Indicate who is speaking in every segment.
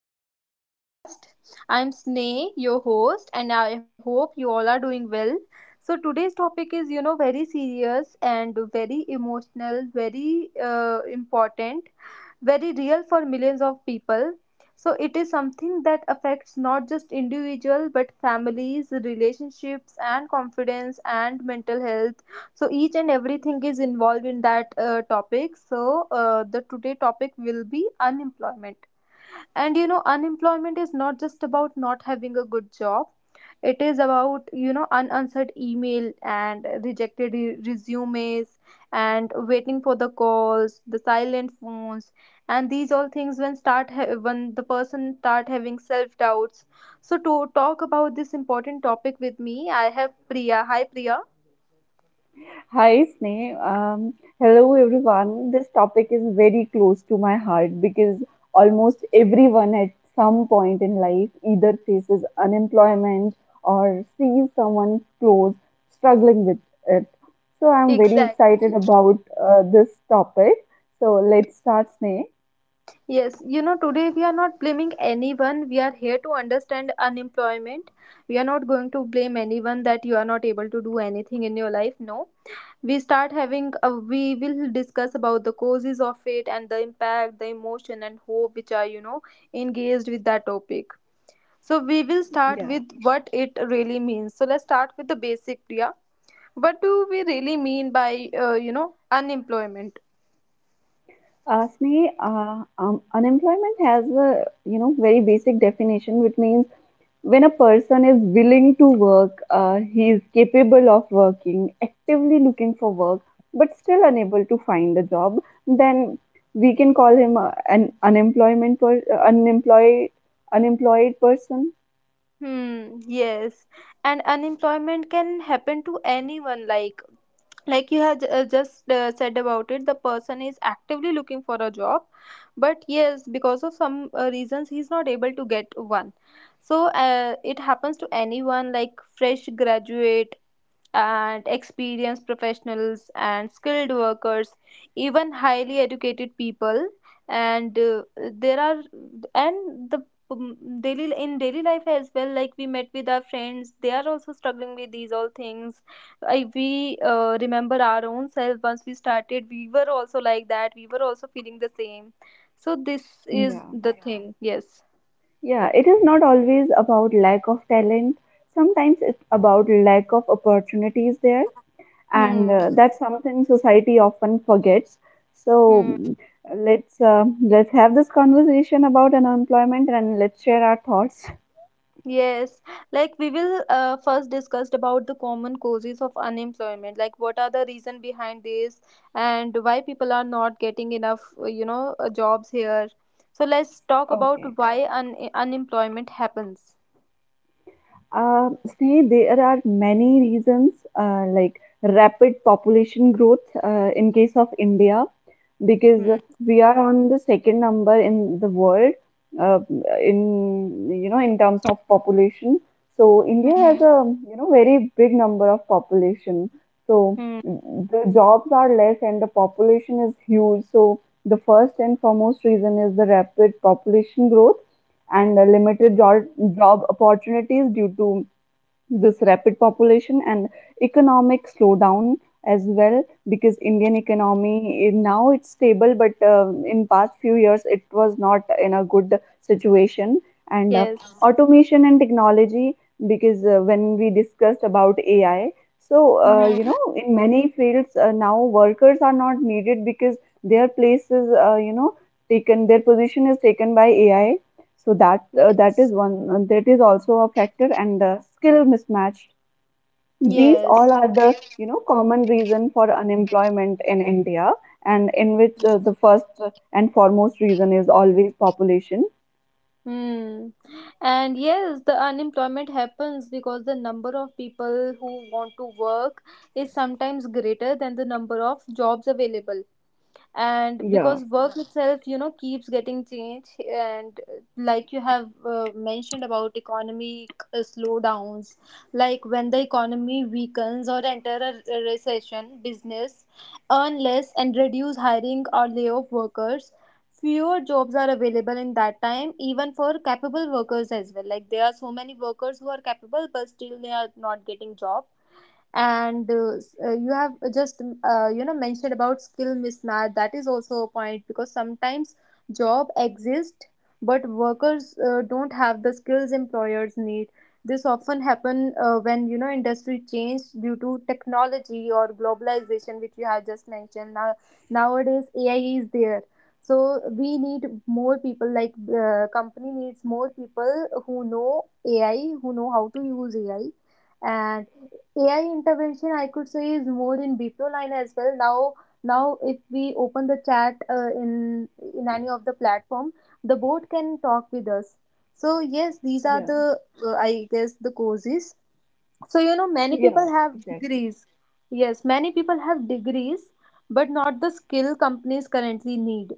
Speaker 1: back to the podcast. I'm Sneh, your host, and I hope you all are doing well. So today's topic is, you know, very serious and very emotional, very important, very real for millions of people. So it is something that affects not just individual but families, relationships and confidence and mental health, so each and everything is involved in that topic. So the today topic will be unemployment. And you know, unemployment is not just about not having a good job, it is about, you know, unanswered email and resumes, and waiting for the calls, the silent phones. And these all things, when when the person start having self doubts. So to talk about this important topic with me, I have Priya. Hi, Priya.
Speaker 2: Hi, Sneh. Hello, everyone. This topic is very close to my heart because almost everyone at some point in life either faces unemployment or sees someone close struggling with it. So I'm very
Speaker 1: Exactly.
Speaker 2: excited about this topic. So let's start, Sneh.
Speaker 1: Yes, you know, today we are not blaming anyone. We are here to understand unemployment. We are not going to blame anyone that you are not able to do anything in your life. No. We will discuss about the causes of it and the impact, the emotion, and hope which are, you know, engaged with that topic. So we will start
Speaker 2: Yeah.
Speaker 1: with what it really means. So let's start with the basic, Priya. What do we really mean by, you know, unemployment?
Speaker 2: Sneh, unemployment has a very basic definition, which means when a person is willing to work, he is capable of working, actively looking for work, but still unable to find a job, then we can call him an unemployment per- unemployed unemployed person.
Speaker 1: Hmm, yes. And unemployment can happen to anyone. Like you had just said about it, the person is actively looking for a job, but yes, because of some reasons he's not able to get one. So it happens to anyone, like fresh graduate and experienced professionals and skilled workers, even highly educated people. And there are, and the, um, daily in daily life as well, like we met with our friends, they are also struggling with these all things. We remember our own self, once we started, we were also like that, we were also feeling the same. So this is
Speaker 2: Yeah.
Speaker 1: the, yeah, thing. Yes.
Speaker 2: Yeah, it is not always about lack of talent. Sometimes it's about lack of opportunities there, and
Speaker 1: Hmm.
Speaker 2: uh, that's something society often forgets. So
Speaker 1: Hmm.
Speaker 2: mm, let's have this conversation about unemployment, and let's share our thoughts.
Speaker 1: Yes, like we will first discussed about the common causes of unemployment. Like, what are the reason behind this and why people are not getting enough, you know, jobs here. So let's talk
Speaker 2: Okay.
Speaker 1: about why un unemployment happens.
Speaker 2: Uh, See, there are many reasons, like rapid population growth in case of India, because
Speaker 1: Hmm.
Speaker 2: we are on the second number in the world, uh, in you know in terms of population. So India has
Speaker 1: Mhm.
Speaker 2: a very big number of population. So
Speaker 1: Hmm.
Speaker 2: the jobs are less and the population is huge. So the first and foremost reason is the rapid population growth and the limited job opportunities due to this rapid population, and economic slowdown as well, because Indian economy, now it's stable, but in past few years it was not in a good situation. And
Speaker 1: Yes.
Speaker 2: automation and technology, because when we discussed about ai, so
Speaker 1: Mhm.
Speaker 2: in many fields now workers are not needed because their place is, taken — their position is taken by ai. So that uh, that
Speaker 1: Yes.
Speaker 2: is one uh, that is also a factor, and skill mismatch. These
Speaker 1: Yes.
Speaker 2: all are the common reason for unemployment in India, and in which the first and foremost reason is always population.
Speaker 1: Hmm. And yes, the unemployment happens because the number of people who want to work is sometimes greater than the number of jobs available, and
Speaker 2: Yeah,
Speaker 1: because work itself, you know, keeps getting changed. And like you have mentioned about economic slowdowns, like when the economy weakens or enter a recession, business earn less and reduce hiring or lay off workers. Fewer jobs are available in that time even for capable workers as well, like there are so many workers who are capable but still they are not getting job. And you have just you know mentioned about skill mismatch, that is also a point, because sometimes job exist but workers don't have the skills employers need. This often happen when, you know, industry change due to technology or globalization, which you have just mentioned. Now, nowadays AI is there, so we need more people, like company needs more people who know AI, who know how to use AI. And AI intervention, I could say, is more in Bipro line as well. Now, now if we open the chat in any of the platform, the bot can talk with us. So yes, these are
Speaker 2: yeah,
Speaker 1: the I guess the courses. So you know, many
Speaker 2: yeah,
Speaker 1: people have
Speaker 2: exactly.
Speaker 1: degrees. Yes, many people have degrees, but not the skill companies currently need.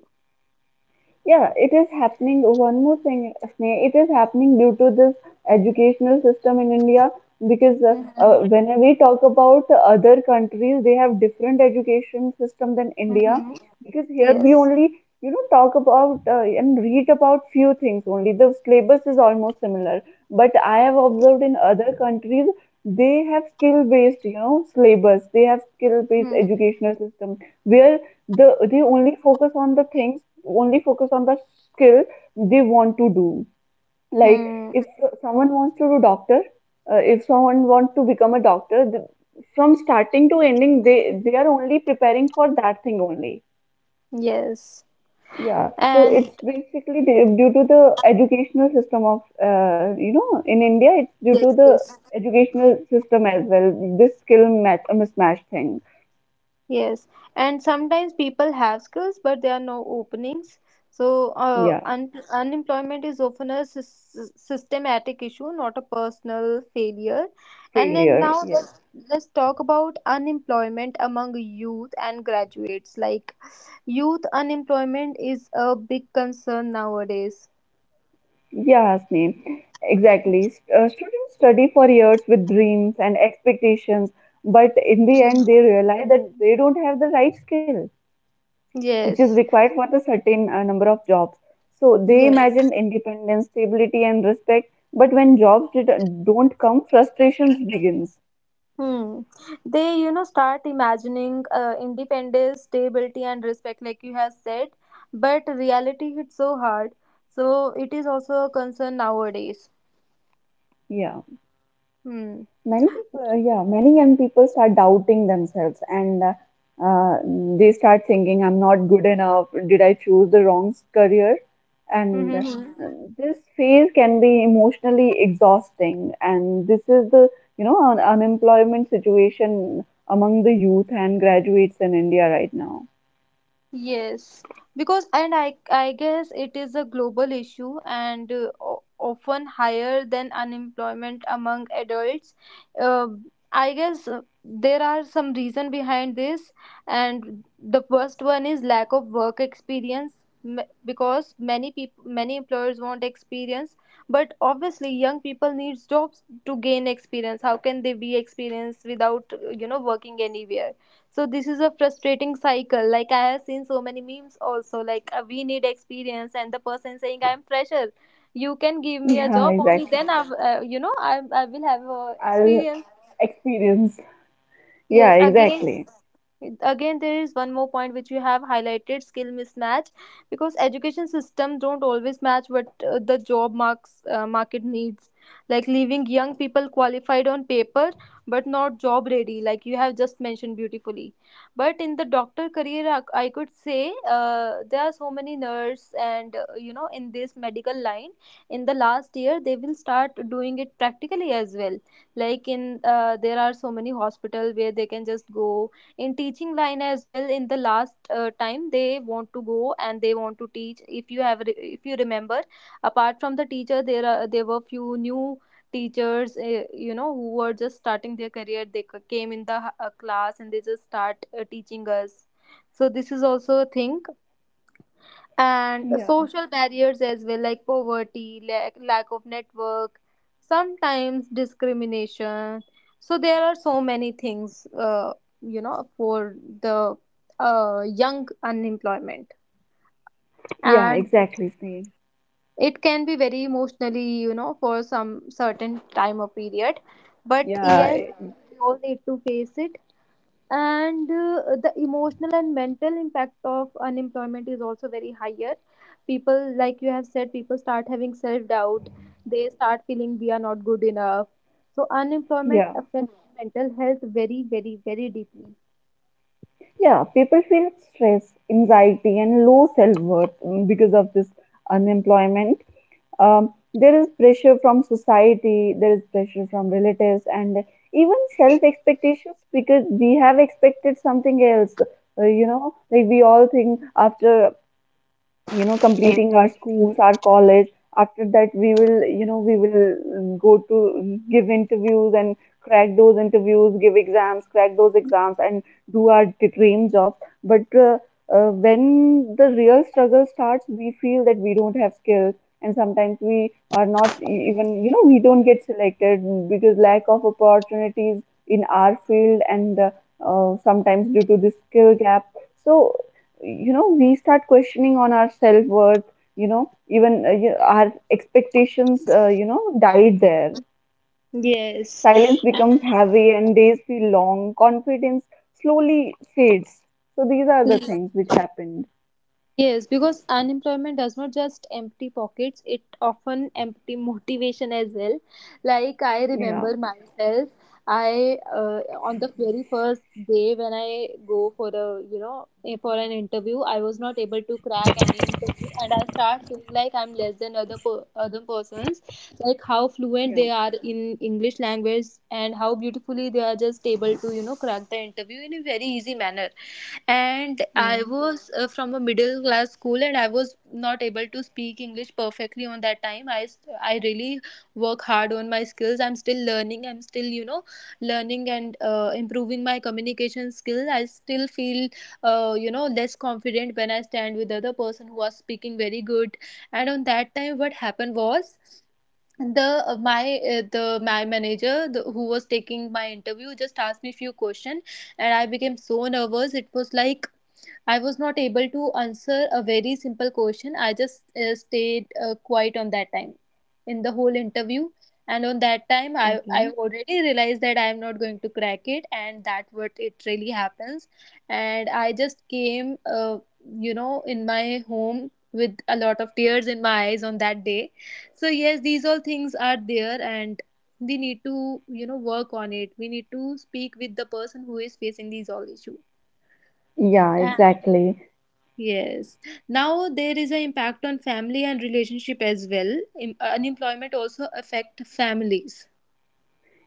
Speaker 2: Yeah, it is happening. One more thing, Sneha, it is happening due to this educational system in India, because
Speaker 1: Mm-hmm.
Speaker 2: when we talk about other countries, they have different education system than India,
Speaker 1: Mm-hmm.
Speaker 2: because here we
Speaker 1: Yes.
Speaker 2: only, talk about and read about few things only. The syllabus is almost similar, but I have observed in other countries they have skill based syllabus. They have skill based educational system where they only focus on the things, only focus on the skill they want to do. Like
Speaker 1: Mm-hmm.
Speaker 2: if someone wants to do doctor if someone wants to become a doctor, th from starting to ending, they are only preparing for that thing only.
Speaker 1: Yes.
Speaker 2: Yeah, so
Speaker 1: And
Speaker 2: it's basically due to the educational system of, in India it's due
Speaker 1: yes,
Speaker 2: to the
Speaker 1: yes.
Speaker 2: educational system as well, this skill mismatch thing.
Speaker 1: Yes, and sometimes people have skills, but there are no openings. So,
Speaker 2: Yeah,
Speaker 1: un unemployment is often a systematic issue, not a personal failure. And then
Speaker 2: failure,
Speaker 1: now
Speaker 2: yes.
Speaker 1: let's talk about unemployment among youth and graduates. Like, youth unemployment is a big concern nowadays.
Speaker 2: Yeah, Hasni, exactly. Students study for years with dreams and expectations, but in the
Speaker 1: Mm.
Speaker 2: end, they realize that they don't have the right skill, which is
Speaker 1: Yes,
Speaker 2: required for the certain number of jobs. So they
Speaker 1: yes.
Speaker 2: imagine independence, stability, and respect, but when don't come, frustrations begins.
Speaker 1: Hmm. They, you know, start imagining independence, stability, and respect, like you have said. But reality hits so hard. So it is also a concern nowadays.
Speaker 2: Yeah.
Speaker 1: Hmm.
Speaker 2: Many young people start doubting themselves, and uh, they start thinking, "I'm not good enough. Did I choose the wrong career?" And
Speaker 1: Mm-hmm.
Speaker 2: this phase can be emotionally exhausting, and this is the, unemployment situation among the youth and graduates in India right now.
Speaker 1: Yes, because, and I guess it is a global issue and often higher than unemployment among adults. Uh, I guess there are some reason behind this, and the first one is lack of work experience. Because many people, many employers want experience, but obviously young people needs jobs to gain experience. How can they be experienced without, you know, working anywhere? So this is a frustrating cycle. Like, I have seen so many memes also. Like, we need experience, and the person saying I am fresher. You can give me a
Speaker 2: Yeah,
Speaker 1: job, only
Speaker 2: exactly.
Speaker 1: then I, you know, I will have
Speaker 2: I'll
Speaker 1: experience.
Speaker 2: experience. Yeah,
Speaker 1: Yes, again,
Speaker 2: exactly.
Speaker 1: again there is one more point which we have highlighted, skill mismatch, because education system don't always match what the job marks market needs, like leaving young people qualified on paper but not job ready, like you have just mentioned beautifully. But in the doctor career, I could say, there are so many nurse, and you know, in this medical line, in the last year they will start doing it practically as well. Like in, there are so many hospital where they can just go. In teaching line as well, in the last time they want to go and they want to teach. If you have if you remember, apart from the teacher, there are, there were few new teachers, you know, who were just starting their career, they came in the class and they just start teaching us. So this is also a thing. And
Speaker 2: Yeah,
Speaker 1: social barriers as well, like poverty, lack of network, sometimes discrimination. So there are so many things, you know, for the young unemployment.
Speaker 2: yeah
Speaker 1: And
Speaker 2: exactly same.
Speaker 1: it can be very emotionally, you know, for some certain time or period, but
Speaker 2: Yeah,
Speaker 1: yes, we all need to face it. And the emotional and mental impact of unemployment is also very higher. People, like you have said, people start having self doubt, they start feeling we are not good enough. So unemployment
Speaker 2: yeah.
Speaker 1: affects mental health very, very, very deeply.
Speaker 2: Yeah, people feel stress, anxiety, and low self worth because of this unemployment. There is pressure from society, there is pressure from relatives, and even self expectations, because we have expected something else. Like we all think, after completing our schools, our college, after that we will, go to give interviews and crack those interviews, give exams, crack those exams, and do our dream job. But when the real struggle starts, we feel that we don't have skills, and sometimes we are not even, we don't get selected because lack of opportunities in our field, and sometimes due to this skill gap. So we start questioning on our self-worth. Even, our expectations, died there.
Speaker 1: Yes.
Speaker 2: Silence becomes heavy, and days feel long, confidence slowly fades. So these are the things which happened.
Speaker 1: Yes, because unemployment does not just empty pockets, it often empty motivation as well. Like, I
Speaker 2: Yeah.
Speaker 1: remember myself, I, on the very first day when I go for a, you know, for an interview, I was not able to crack any interview, and I start feeling like I'm less than other persons. Like, how fluent
Speaker 2: Yeah.
Speaker 1: they are in English language and how beautifully they are just able to, you know, crack the interview in a very easy manner. And
Speaker 2: Yeah.
Speaker 1: I was from a middle class school and I was not able to speak English perfectly. On that time, I really work hard on my skills, I'm still learning, I'm still, you know, learning and improving my communication skill. I still feel, you know, less confident when I stand with other person who are speaking very good. And on that time, what happened was, the my the my manager, who was taking my interview, just asked me few questions, and I became so nervous. It was like I was not able to answer a very simple question. I just stayed quiet on that time, in the whole interview. And on that time, I
Speaker 2: Okay.
Speaker 1: already realized that I am not going to crack it, and that what it really happens. And I just came, you know, in my home with a lot of tears in my eyes on that day. So yes, these all things are there, and we need to, you know, work on it. We need to speak with the person who is facing these all issues.
Speaker 2: Yeah,
Speaker 1: And
Speaker 2: exactly.
Speaker 1: yes. Now there is an impact on family and relationship as well. Unemployment also affect families.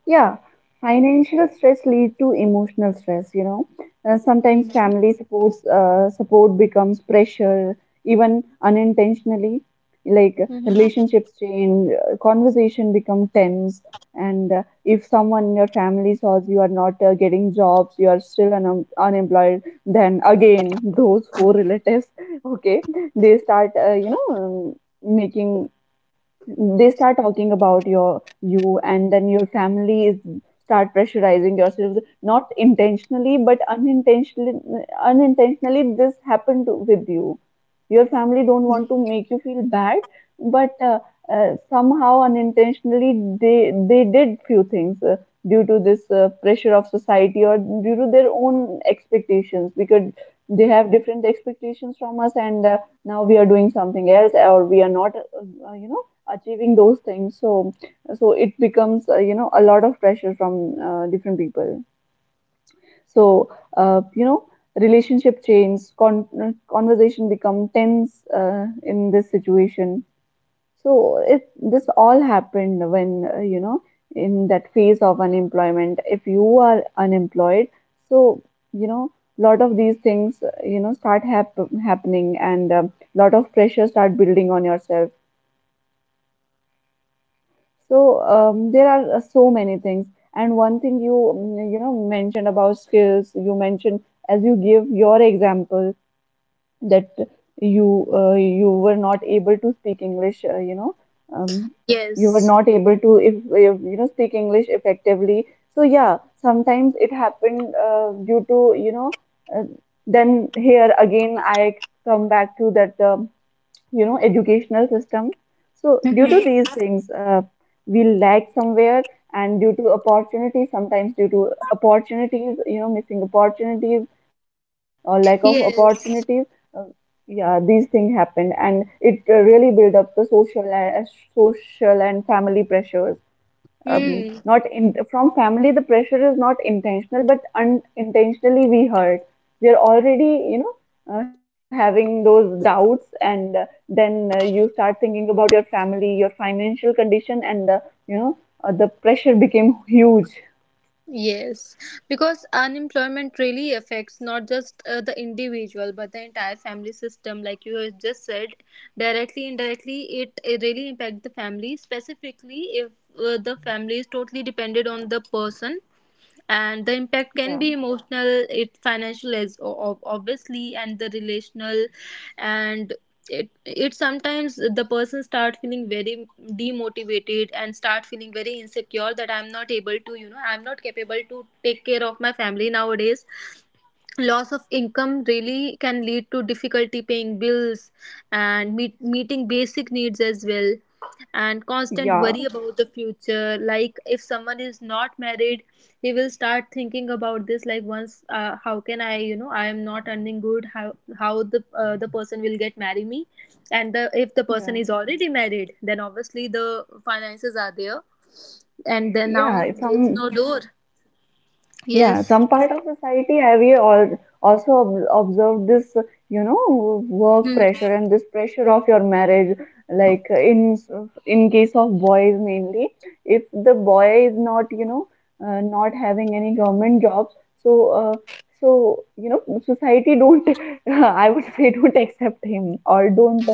Speaker 2: Yeah, financial stress leads to emotional stress.
Speaker 1: Mhm.
Speaker 2: Sometimes family supports support becomes pressure, even unintentionally. Like
Speaker 1: Mhm.
Speaker 2: relationships change, conversation become tense, and if someone in your family says you are not getting jobs, you are still unemployed, then again those four relatives, okay, they start you know making they start talking about your, you, and then your family is start pressurizing yourselves, not intentionally but unintentionally. This happened with you. Your family don't want to make you feel bad, but somehow unintentionally they did few things, due to this pressure of society, or due to their own expectations, because they have different expectations from us. And now we are doing something else, or we are not, achieving those things. So it becomes, a lot of pressure from different people. So, uh, you know relationship change, conversation become tense, in this situation. So it this all happened when, in that phase of unemployment, if you are unemployed. So you know lot of these things, start happening, and a lot of pressure start building on yourself. So, there are so many things, and one thing you, mm, you know mentioned about skills. You mentioned, as you give your example, that you were not able to speak English. Um, you were not
Speaker 3: Yes.
Speaker 2: able to, if speak English effectively. So yeah, sometimes it happened due to. Uh, then here again, I come back to that. Educational system, so due to
Speaker 3: Mm-hmm.
Speaker 2: these things, we lag somewhere, and due to opportunity sometimes due to opportunities, missing opportunities or lack of opportunities uh,
Speaker 3: Yes.
Speaker 2: yeah, these things happened, and it really build up the social and family pressures.
Speaker 3: Mm.
Speaker 2: Not from family the pressure is not intentional, but unintentionally we hurt. We are already, having those doubts, and then you start thinking about your family, your financial condition, and the you know the pressure became huge.
Speaker 3: Yes. Because unemployment really affects not just the individual but the entire family system. Like you have just said, directly, indirectly, it really impacts the family, specifically if the family is totally dependent on the person, and the impact
Speaker 2: Yeah.
Speaker 3: can be emotional, it financial, as obviously, and the relational. And it sometimes the person start feeling very demotivated and start feeling very insecure that I'm not able to I'm not capable to take care of my family nowadays. Loss of income really can lead to difficulty paying bills and meeting basic needs as well, and constant
Speaker 2: Yeah.
Speaker 3: worry about the future. Like if someone is not married, he will start thinking about this, like once how can I, I am not earning good, how the person will get marry me. And the if the person
Speaker 2: Yeah.
Speaker 3: is already married, then obviously the finances are there, and then
Speaker 2: Yeah.
Speaker 3: now there is
Speaker 2: some
Speaker 3: no door.
Speaker 2: Yeah,
Speaker 3: Yes.
Speaker 2: some part of society, I we all also observe this, you know, work
Speaker 3: Hmm.
Speaker 2: pressure and this pressure of your marriage. Like in case of boys mainly, if the boy is not, not having any government jobs, so uh, society don't, I would say, don't accept him, or don't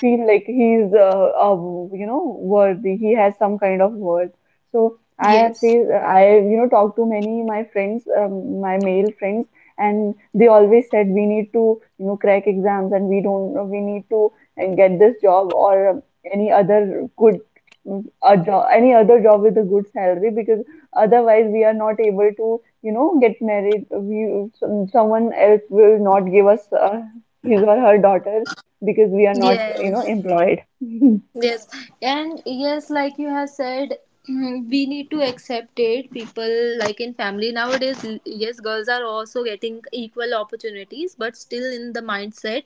Speaker 2: feel like he's worthy. He has some kind of worth. So I have
Speaker 3: Yes.
Speaker 2: faced, I, you know, talked to my male friends, and they always said, we need to crack exams, and we don't, we need to and get this job, or any other good, mm, a job, any other job with a good salary, because otherwise we are not able to get married. Someone else will not give us his or her daughter, because we are not,
Speaker 3: Yes.
Speaker 2: employed.
Speaker 3: Yes, and yes, like you have said, we need to accept it. People like in family nowadays, yes, girls are also getting equal opportunities, but still in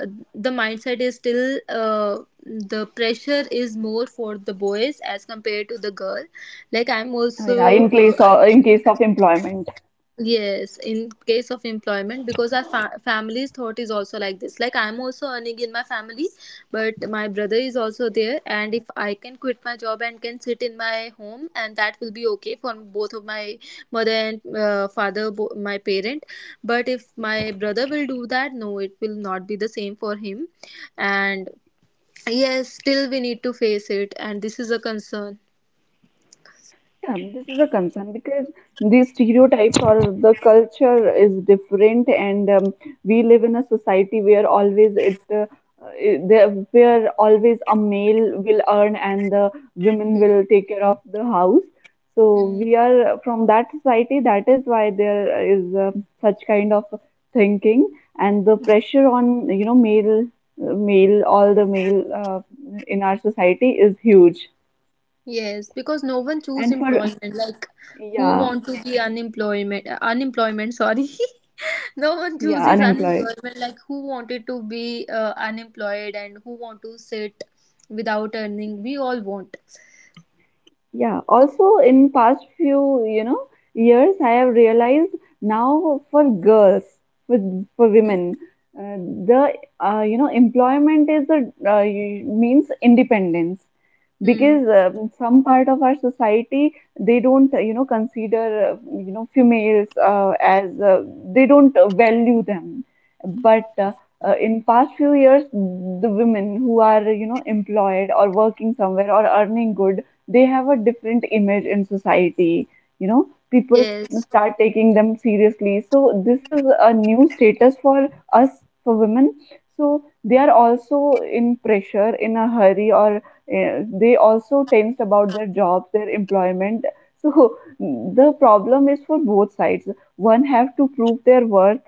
Speaker 3: uh, the mindset is still the pressure is more for the boys as compared to the girl. Like I'm
Speaker 2: Yeah,
Speaker 3: also,
Speaker 2: in in case of employment.
Speaker 3: yes, in case of employment, because our family's thought is also like this. Like I'm also earning in my family, but my brother is also there, and if I can quit my job and can sit in my home, and that will be okay for both of my mother and father, my parent. But if my brother will do that, no, it will not be the same for him. And yes, still we need to face it, and this is a concern.
Speaker 2: Yeah, this is a concern because these stereotypes or the culture is different, and we live in a society where always it, it there where always a male will earn and the women will take care of the house. So
Speaker 3: Mhm.
Speaker 2: we are from that society. That is why there is such kind of thinking, and the pressure on male, all the male in our society is huge.
Speaker 3: Yes, because no one choose
Speaker 2: And for,
Speaker 3: employment. Like, who
Speaker 2: yeah.
Speaker 3: want to be unemployment? Unemployment, sorry. No one
Speaker 2: Yeah,
Speaker 3: chooses
Speaker 2: unemployed.
Speaker 3: unemployment. Like, who wanted to be unemployed, and who want to sit without earning? We all want.
Speaker 2: Yeah, also in past few, years, I have realized now for girls, for for women, uh, the you know employment is a means independence
Speaker 3: Hmm.
Speaker 2: because some part of our society, they don't, consider, females as, they don't value them, but in past few years, the women who are, employed or working somewhere or earning good, they have a different image in society. you know People
Speaker 3: Yes.
Speaker 2: start taking them seriously, so this is a new status for us, for women, so they are also in pressure, in a hurry, or they also tense about their jobs, their employment. So the problem is for both sides. One have to prove their worth,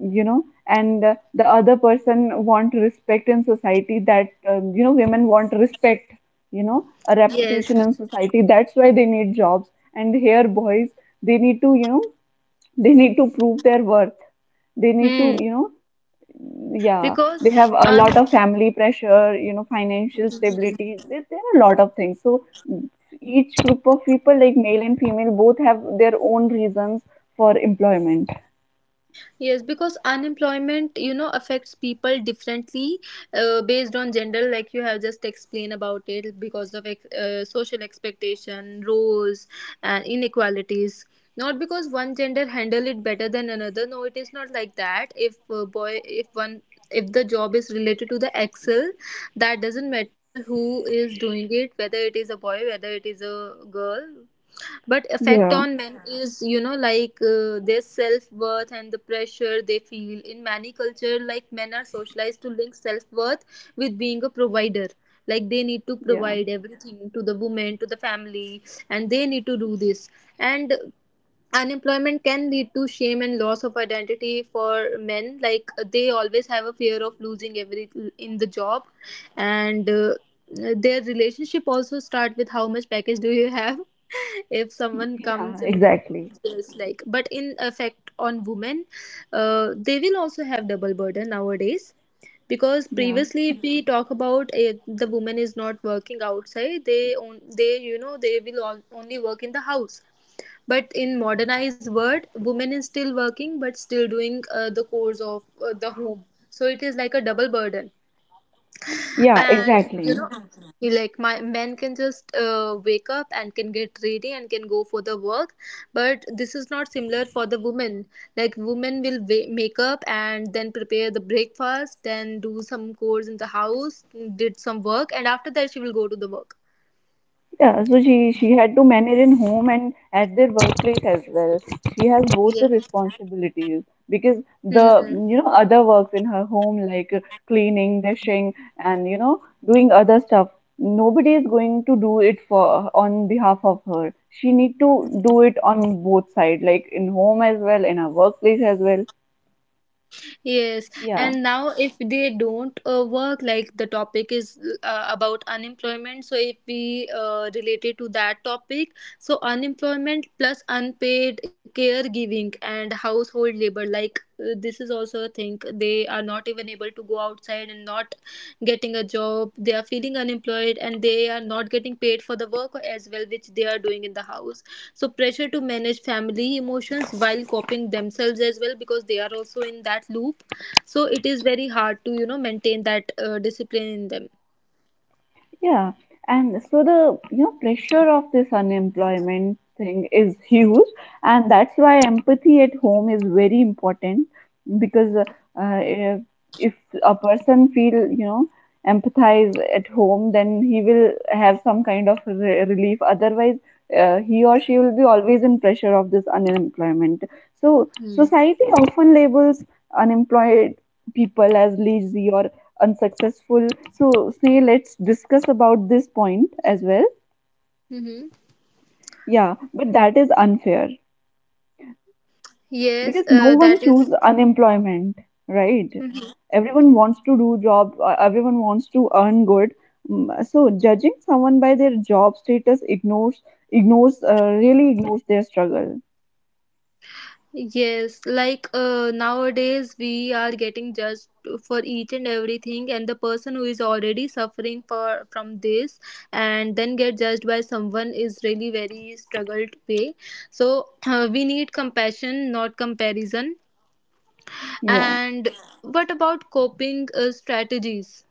Speaker 2: and the other person want respect in society, that, women want respect, a
Speaker 3: Yes.
Speaker 2: reputation in society, that's why they need jobs. And here boys, they need to, they need to prove their worth, they need to,
Speaker 3: Hmm.
Speaker 2: yeah they have
Speaker 3: Because
Speaker 2: a lot of family pressure, financial stability, there are a lot of things. So each group of people, like male and female, both have their own reasons for employment.
Speaker 3: yes, because unemployment, you know, affects people differently based on gender, like you have just explained about it, because of social expectation, roles, and inequalities. Not because one gender handle it better than another. No, it is not like that. If boy, if one, if the job is related to the Excel, that doesn't matter who is doing it, whether it is a boy, whether it is a girl. But effect
Speaker 2: Yeah,
Speaker 3: on men is, you know, like their self-worth and the pressure they feel. In many culture, like, men are socialized to link self-worth with being a provider, like they need to
Speaker 2: yeah,
Speaker 3: provide everything to the woman, to the family, and they need to do this. And unemployment can lead to shame and loss of identity for men, like they always have a fear of losing every in the job. And their relationship also start with how much package do you have, if someone
Speaker 2: yeah,
Speaker 3: comes in their
Speaker 2: exactly.
Speaker 3: house, just like. But in effect on women, they will also have double burden nowadays, because
Speaker 2: Yeah.
Speaker 3: previously if we Mhm. talk about it, the woman is not working outside, they, you know, they will only work in the house, but in modernized world women is still working but still doing the chores of the home, so it is like a double burden.
Speaker 2: Yeah,
Speaker 3: And you
Speaker 2: exactly.
Speaker 3: know Mhm. like, my men can just wake up and can get ready and can go for the work, but this is not similar for the women. Like, women will make up and then prepare the breakfast, then do some chores in the house, did some work, and after that she will go to the work.
Speaker 2: Yeah, so she had to manage in home and at their workplace as well. She has both the
Speaker 3: Yeah.
Speaker 2: responsibilities because the, other works in her home, like cleaning, dishing, and, doing other stuff. Nobody is going to do it for on behalf of her. She need to do it on both side, like in home as well, in her workplace as well.
Speaker 3: Yes,
Speaker 2: Yeah.
Speaker 3: and now if they don't work, like the topic is about unemployment, so if we relate it to that topic, so unemployment plus unpaid caregiving and household labor, like this is also a thing. They are not even able to go outside and not getting a job. They are feeling unemployed and they are not getting paid for the work as well, which they are doing in the house. So pressure to manage family emotions while coping themselves as well, because they are also in that loop. So it is very hard to, you know, maintain that discipline in them.
Speaker 2: Yeah, and so the, pressure of this unemployment thing is huge, and that's why empathy at home is very important, because if, if a person feel, empathize at home, then he will have some kind of relief. Otherwise, he or she will be always in pressure of this unemployment. So
Speaker 3: Hmm.
Speaker 2: society often labels unemployed people as lazy or unsuccessful, so see, let's discuss about this point as well.
Speaker 3: Mm-hmm.
Speaker 2: Yeah, but that is unfair
Speaker 3: Yes,
Speaker 2: because no one
Speaker 3: that is—
Speaker 2: choose unemployment, right?
Speaker 3: Mhm.
Speaker 2: Everyone wants to do job, everyone wants to earn good. Mm, so judging someone by their job status ignores ignores really ignores their struggle.
Speaker 3: Yes, like nowadays we are getting judged for each and everything, and the person who is already suffering for from this and then get judged by someone is really very struggled way. So we need compassion, not comparison.
Speaker 2: Yeah,
Speaker 3: And what about coping strategies?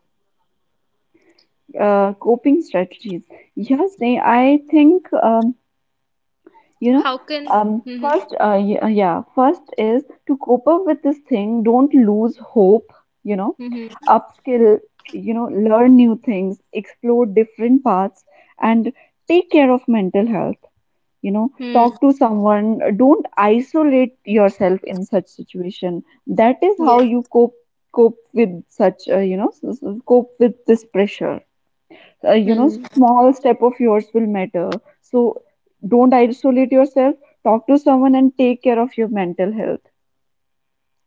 Speaker 2: coping strategies. Yes, I think, you know
Speaker 3: How can— Mhm,
Speaker 2: first y- yeah first is to cope up with this thing, don't lose hope, you know
Speaker 3: mhm,
Speaker 2: upskill, you know learn new things, explore different paths, and take care of mental health.
Speaker 3: mhm.
Speaker 2: Talk to someone, don't isolate yourself in such situation. That is how
Speaker 3: Yeah.
Speaker 2: you cope cope with such, cope with this pressure. uh, you know
Speaker 3: Mm.
Speaker 2: Small step of yours will matter, so don't isolate yourself, talk to someone, and take care of your mental health.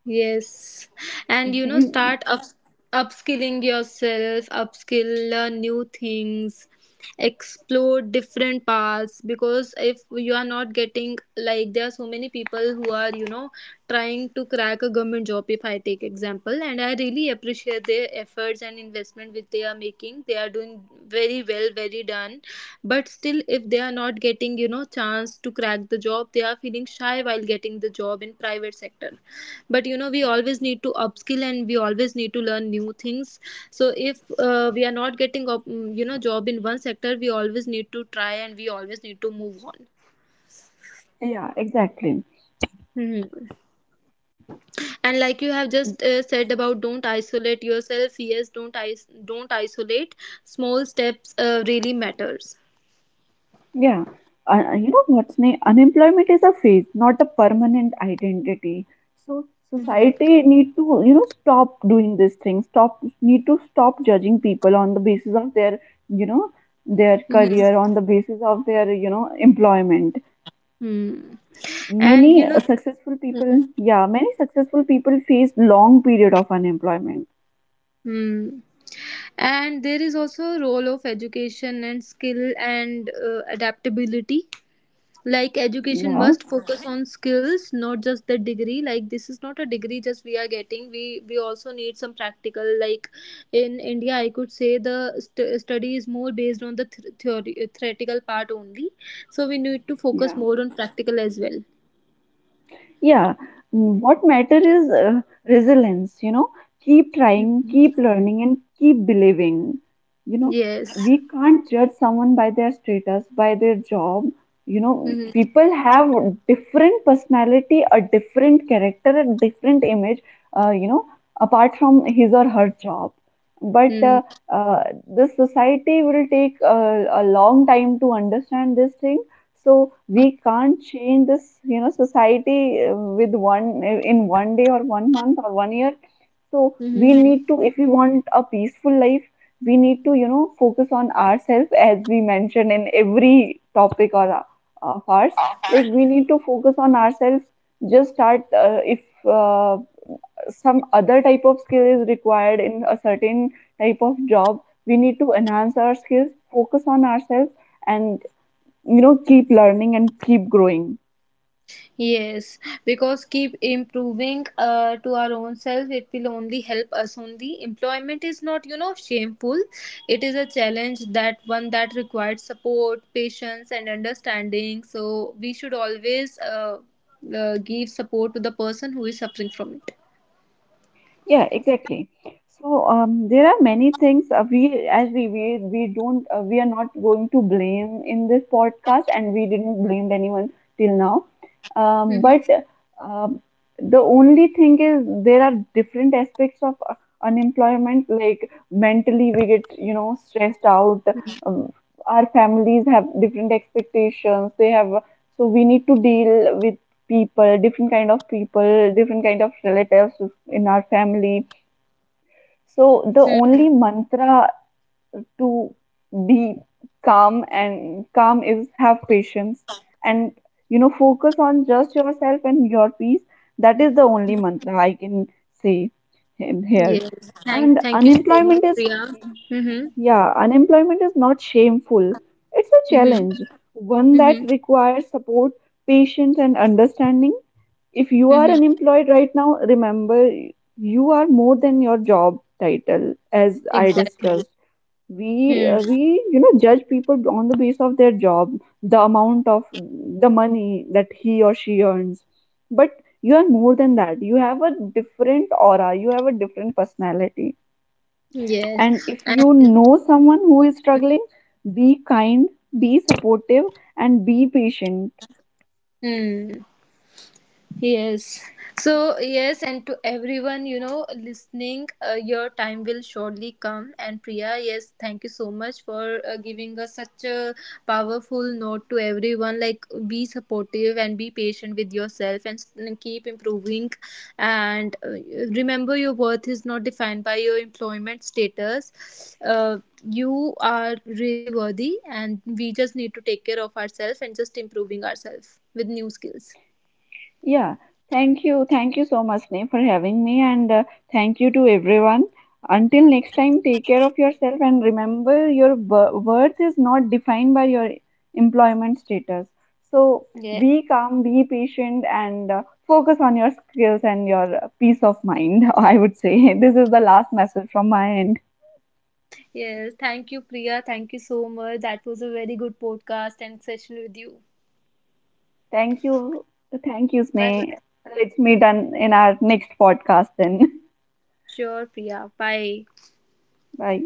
Speaker 3: Yes. And, you know,
Speaker 2: These,
Speaker 3: start up upskilling yourself, upskill, learn new things, explore different paths. Because if you are not getting, like there are so many people who are, you know, trying to crack a government job, if I take example, and I really appreciate their efforts and investment which they are making. They are doing very well, very done. But still, if they are not getting, you know, chance to crack the job, they are feeling shy while getting the job in private sector. But you know, we always need to upskill and we always need to learn new things. So if we are not getting you know, job in one sector, we always need to try and we always need to move on.
Speaker 2: yeah, exactly.
Speaker 3: Hmm. And like you have just said about don't isolate yourself, yes, don't don't isolate. Small steps really matters.
Speaker 2: Yeah, what's name, unemployment is a phase, not a permanent identity. So
Speaker 3: Mhm.
Speaker 2: society need to, stop doing these things. Stop need to Stop judging people on the basis of their, you know their
Speaker 3: Mhm.
Speaker 2: career, on the basis of their, employment.
Speaker 3: Hmm. And you
Speaker 2: Many
Speaker 3: know.
Speaker 2: successful people, yeah, many successful people face long period of unemployment.
Speaker 3: Hmm. And there is also a role of education and skill and adaptability. Like education
Speaker 2: Yeah,
Speaker 3: must focus on skills, not just the degree. Like, this is not a degree just we are getting. We also need some practical. Like in India, I could say the study is more based on the theory, theoretical part only. So we need to
Speaker 2: yeah.
Speaker 3: focus more on practical as well.
Speaker 2: Yeah, mm, what matter is, resilience, you know, keep trying, keep learning, and keep believing. You know,
Speaker 3: Yes.
Speaker 2: we can't judge someone by their status, by their job. You know,
Speaker 3: Mm-hmm.
Speaker 2: people have different personality, a different character, a different image, you know, apart from his or her job. But
Speaker 3: Mm-hmm.
Speaker 2: the society will take a long time to understand this thing, so we can't change this, you know, society with one in one day or one month or one year. So we
Speaker 3: Mm-hmm.
Speaker 2: need to, if we want a peaceful life, we need to, you know, focus on ourselves as we mentioned in every topic or of ours. Like we need to focus on ourselves. Just start, if uh, some other type of skill is required in a certain type of job, we need to enhance our skills, focus on ourselves, and, you know, keep learning and keep growing.
Speaker 3: Yes, because keep improving to our own self, it will only help us only. Employment is not, you know, shameful. It is a challenge that one that requires support, patience, and understanding. So we should always give support to the person who is suffering from it.
Speaker 2: Yeah, exactly. So, there are many things, we don't, we are not going to blame in this podcast, and we didn't blame anyone till now,
Speaker 3: Mm-hmm.
Speaker 2: but uh, the only thing is there are different aspects of unemployment, like mentally we get, you know, stressed out. um, our families have different expectations, they have, so we need to deal with people, different kind of people, different kind of relatives in our family. So the
Speaker 3: Hmm.
Speaker 2: only mantra to be calm, and calm is have patience, and, you know, focus on just yourself and your peace. That is the only mantra I can say him here.
Speaker 3: Yes,
Speaker 2: And
Speaker 3: thank you so much,
Speaker 2: unemployment is,
Speaker 3: Priya. Mm-hmm.
Speaker 2: yeah, unemployment is not shameful, it's a
Speaker 3: Mm-hmm.
Speaker 2: challenge, one that
Speaker 3: Mm-hmm.
Speaker 2: requires support, patience, and understanding. If you are
Speaker 3: Mm-hmm.
Speaker 2: unemployed right now, remember, you are more than your job title, as I
Speaker 3: Exactly.
Speaker 2: discussed. We
Speaker 3: Mm.
Speaker 2: uh, we you know, judge people on the basis of their job, the amount of the money that he or she earns, but you are more than that. You have a different aura. You have a different personality.
Speaker 3: Yes,
Speaker 2: And if you
Speaker 3: and.
Speaker 2: know someone who is struggling, be kind, be supportive, and be patient.
Speaker 3: Mm. Yes. So, yes, and to everyone, you know, listening, your time will surely come. And Priya, yes, thank you so much for giving us such a powerful note to everyone. Like, be supportive and be patient with yourself and and keep improving. And remember, your worth is not defined by your employment status. You are really worthy, and we just need to take care of ourselves and just improving ourselves with new skills.
Speaker 2: Yeah, thank you. Thank you so much, Sneh, for having me. And thank you to everyone. Until next time, take care of yourself and remember your worth is not defined by your employment status. So
Speaker 3: Yeah.
Speaker 2: be calm, be patient, and focus on your skills and your peace of mind. I would say this is the last message from my end.
Speaker 3: Yes, thank you, Priya. Thank you so much. That was a very good podcast and session with you.
Speaker 2: Thank you. Thank you,
Speaker 3: Bye
Speaker 2: Sneh.
Speaker 3: bye.
Speaker 2: Let's meet on, in our next podcast then.
Speaker 3: Sure, Priya. Bye.
Speaker 2: Bye.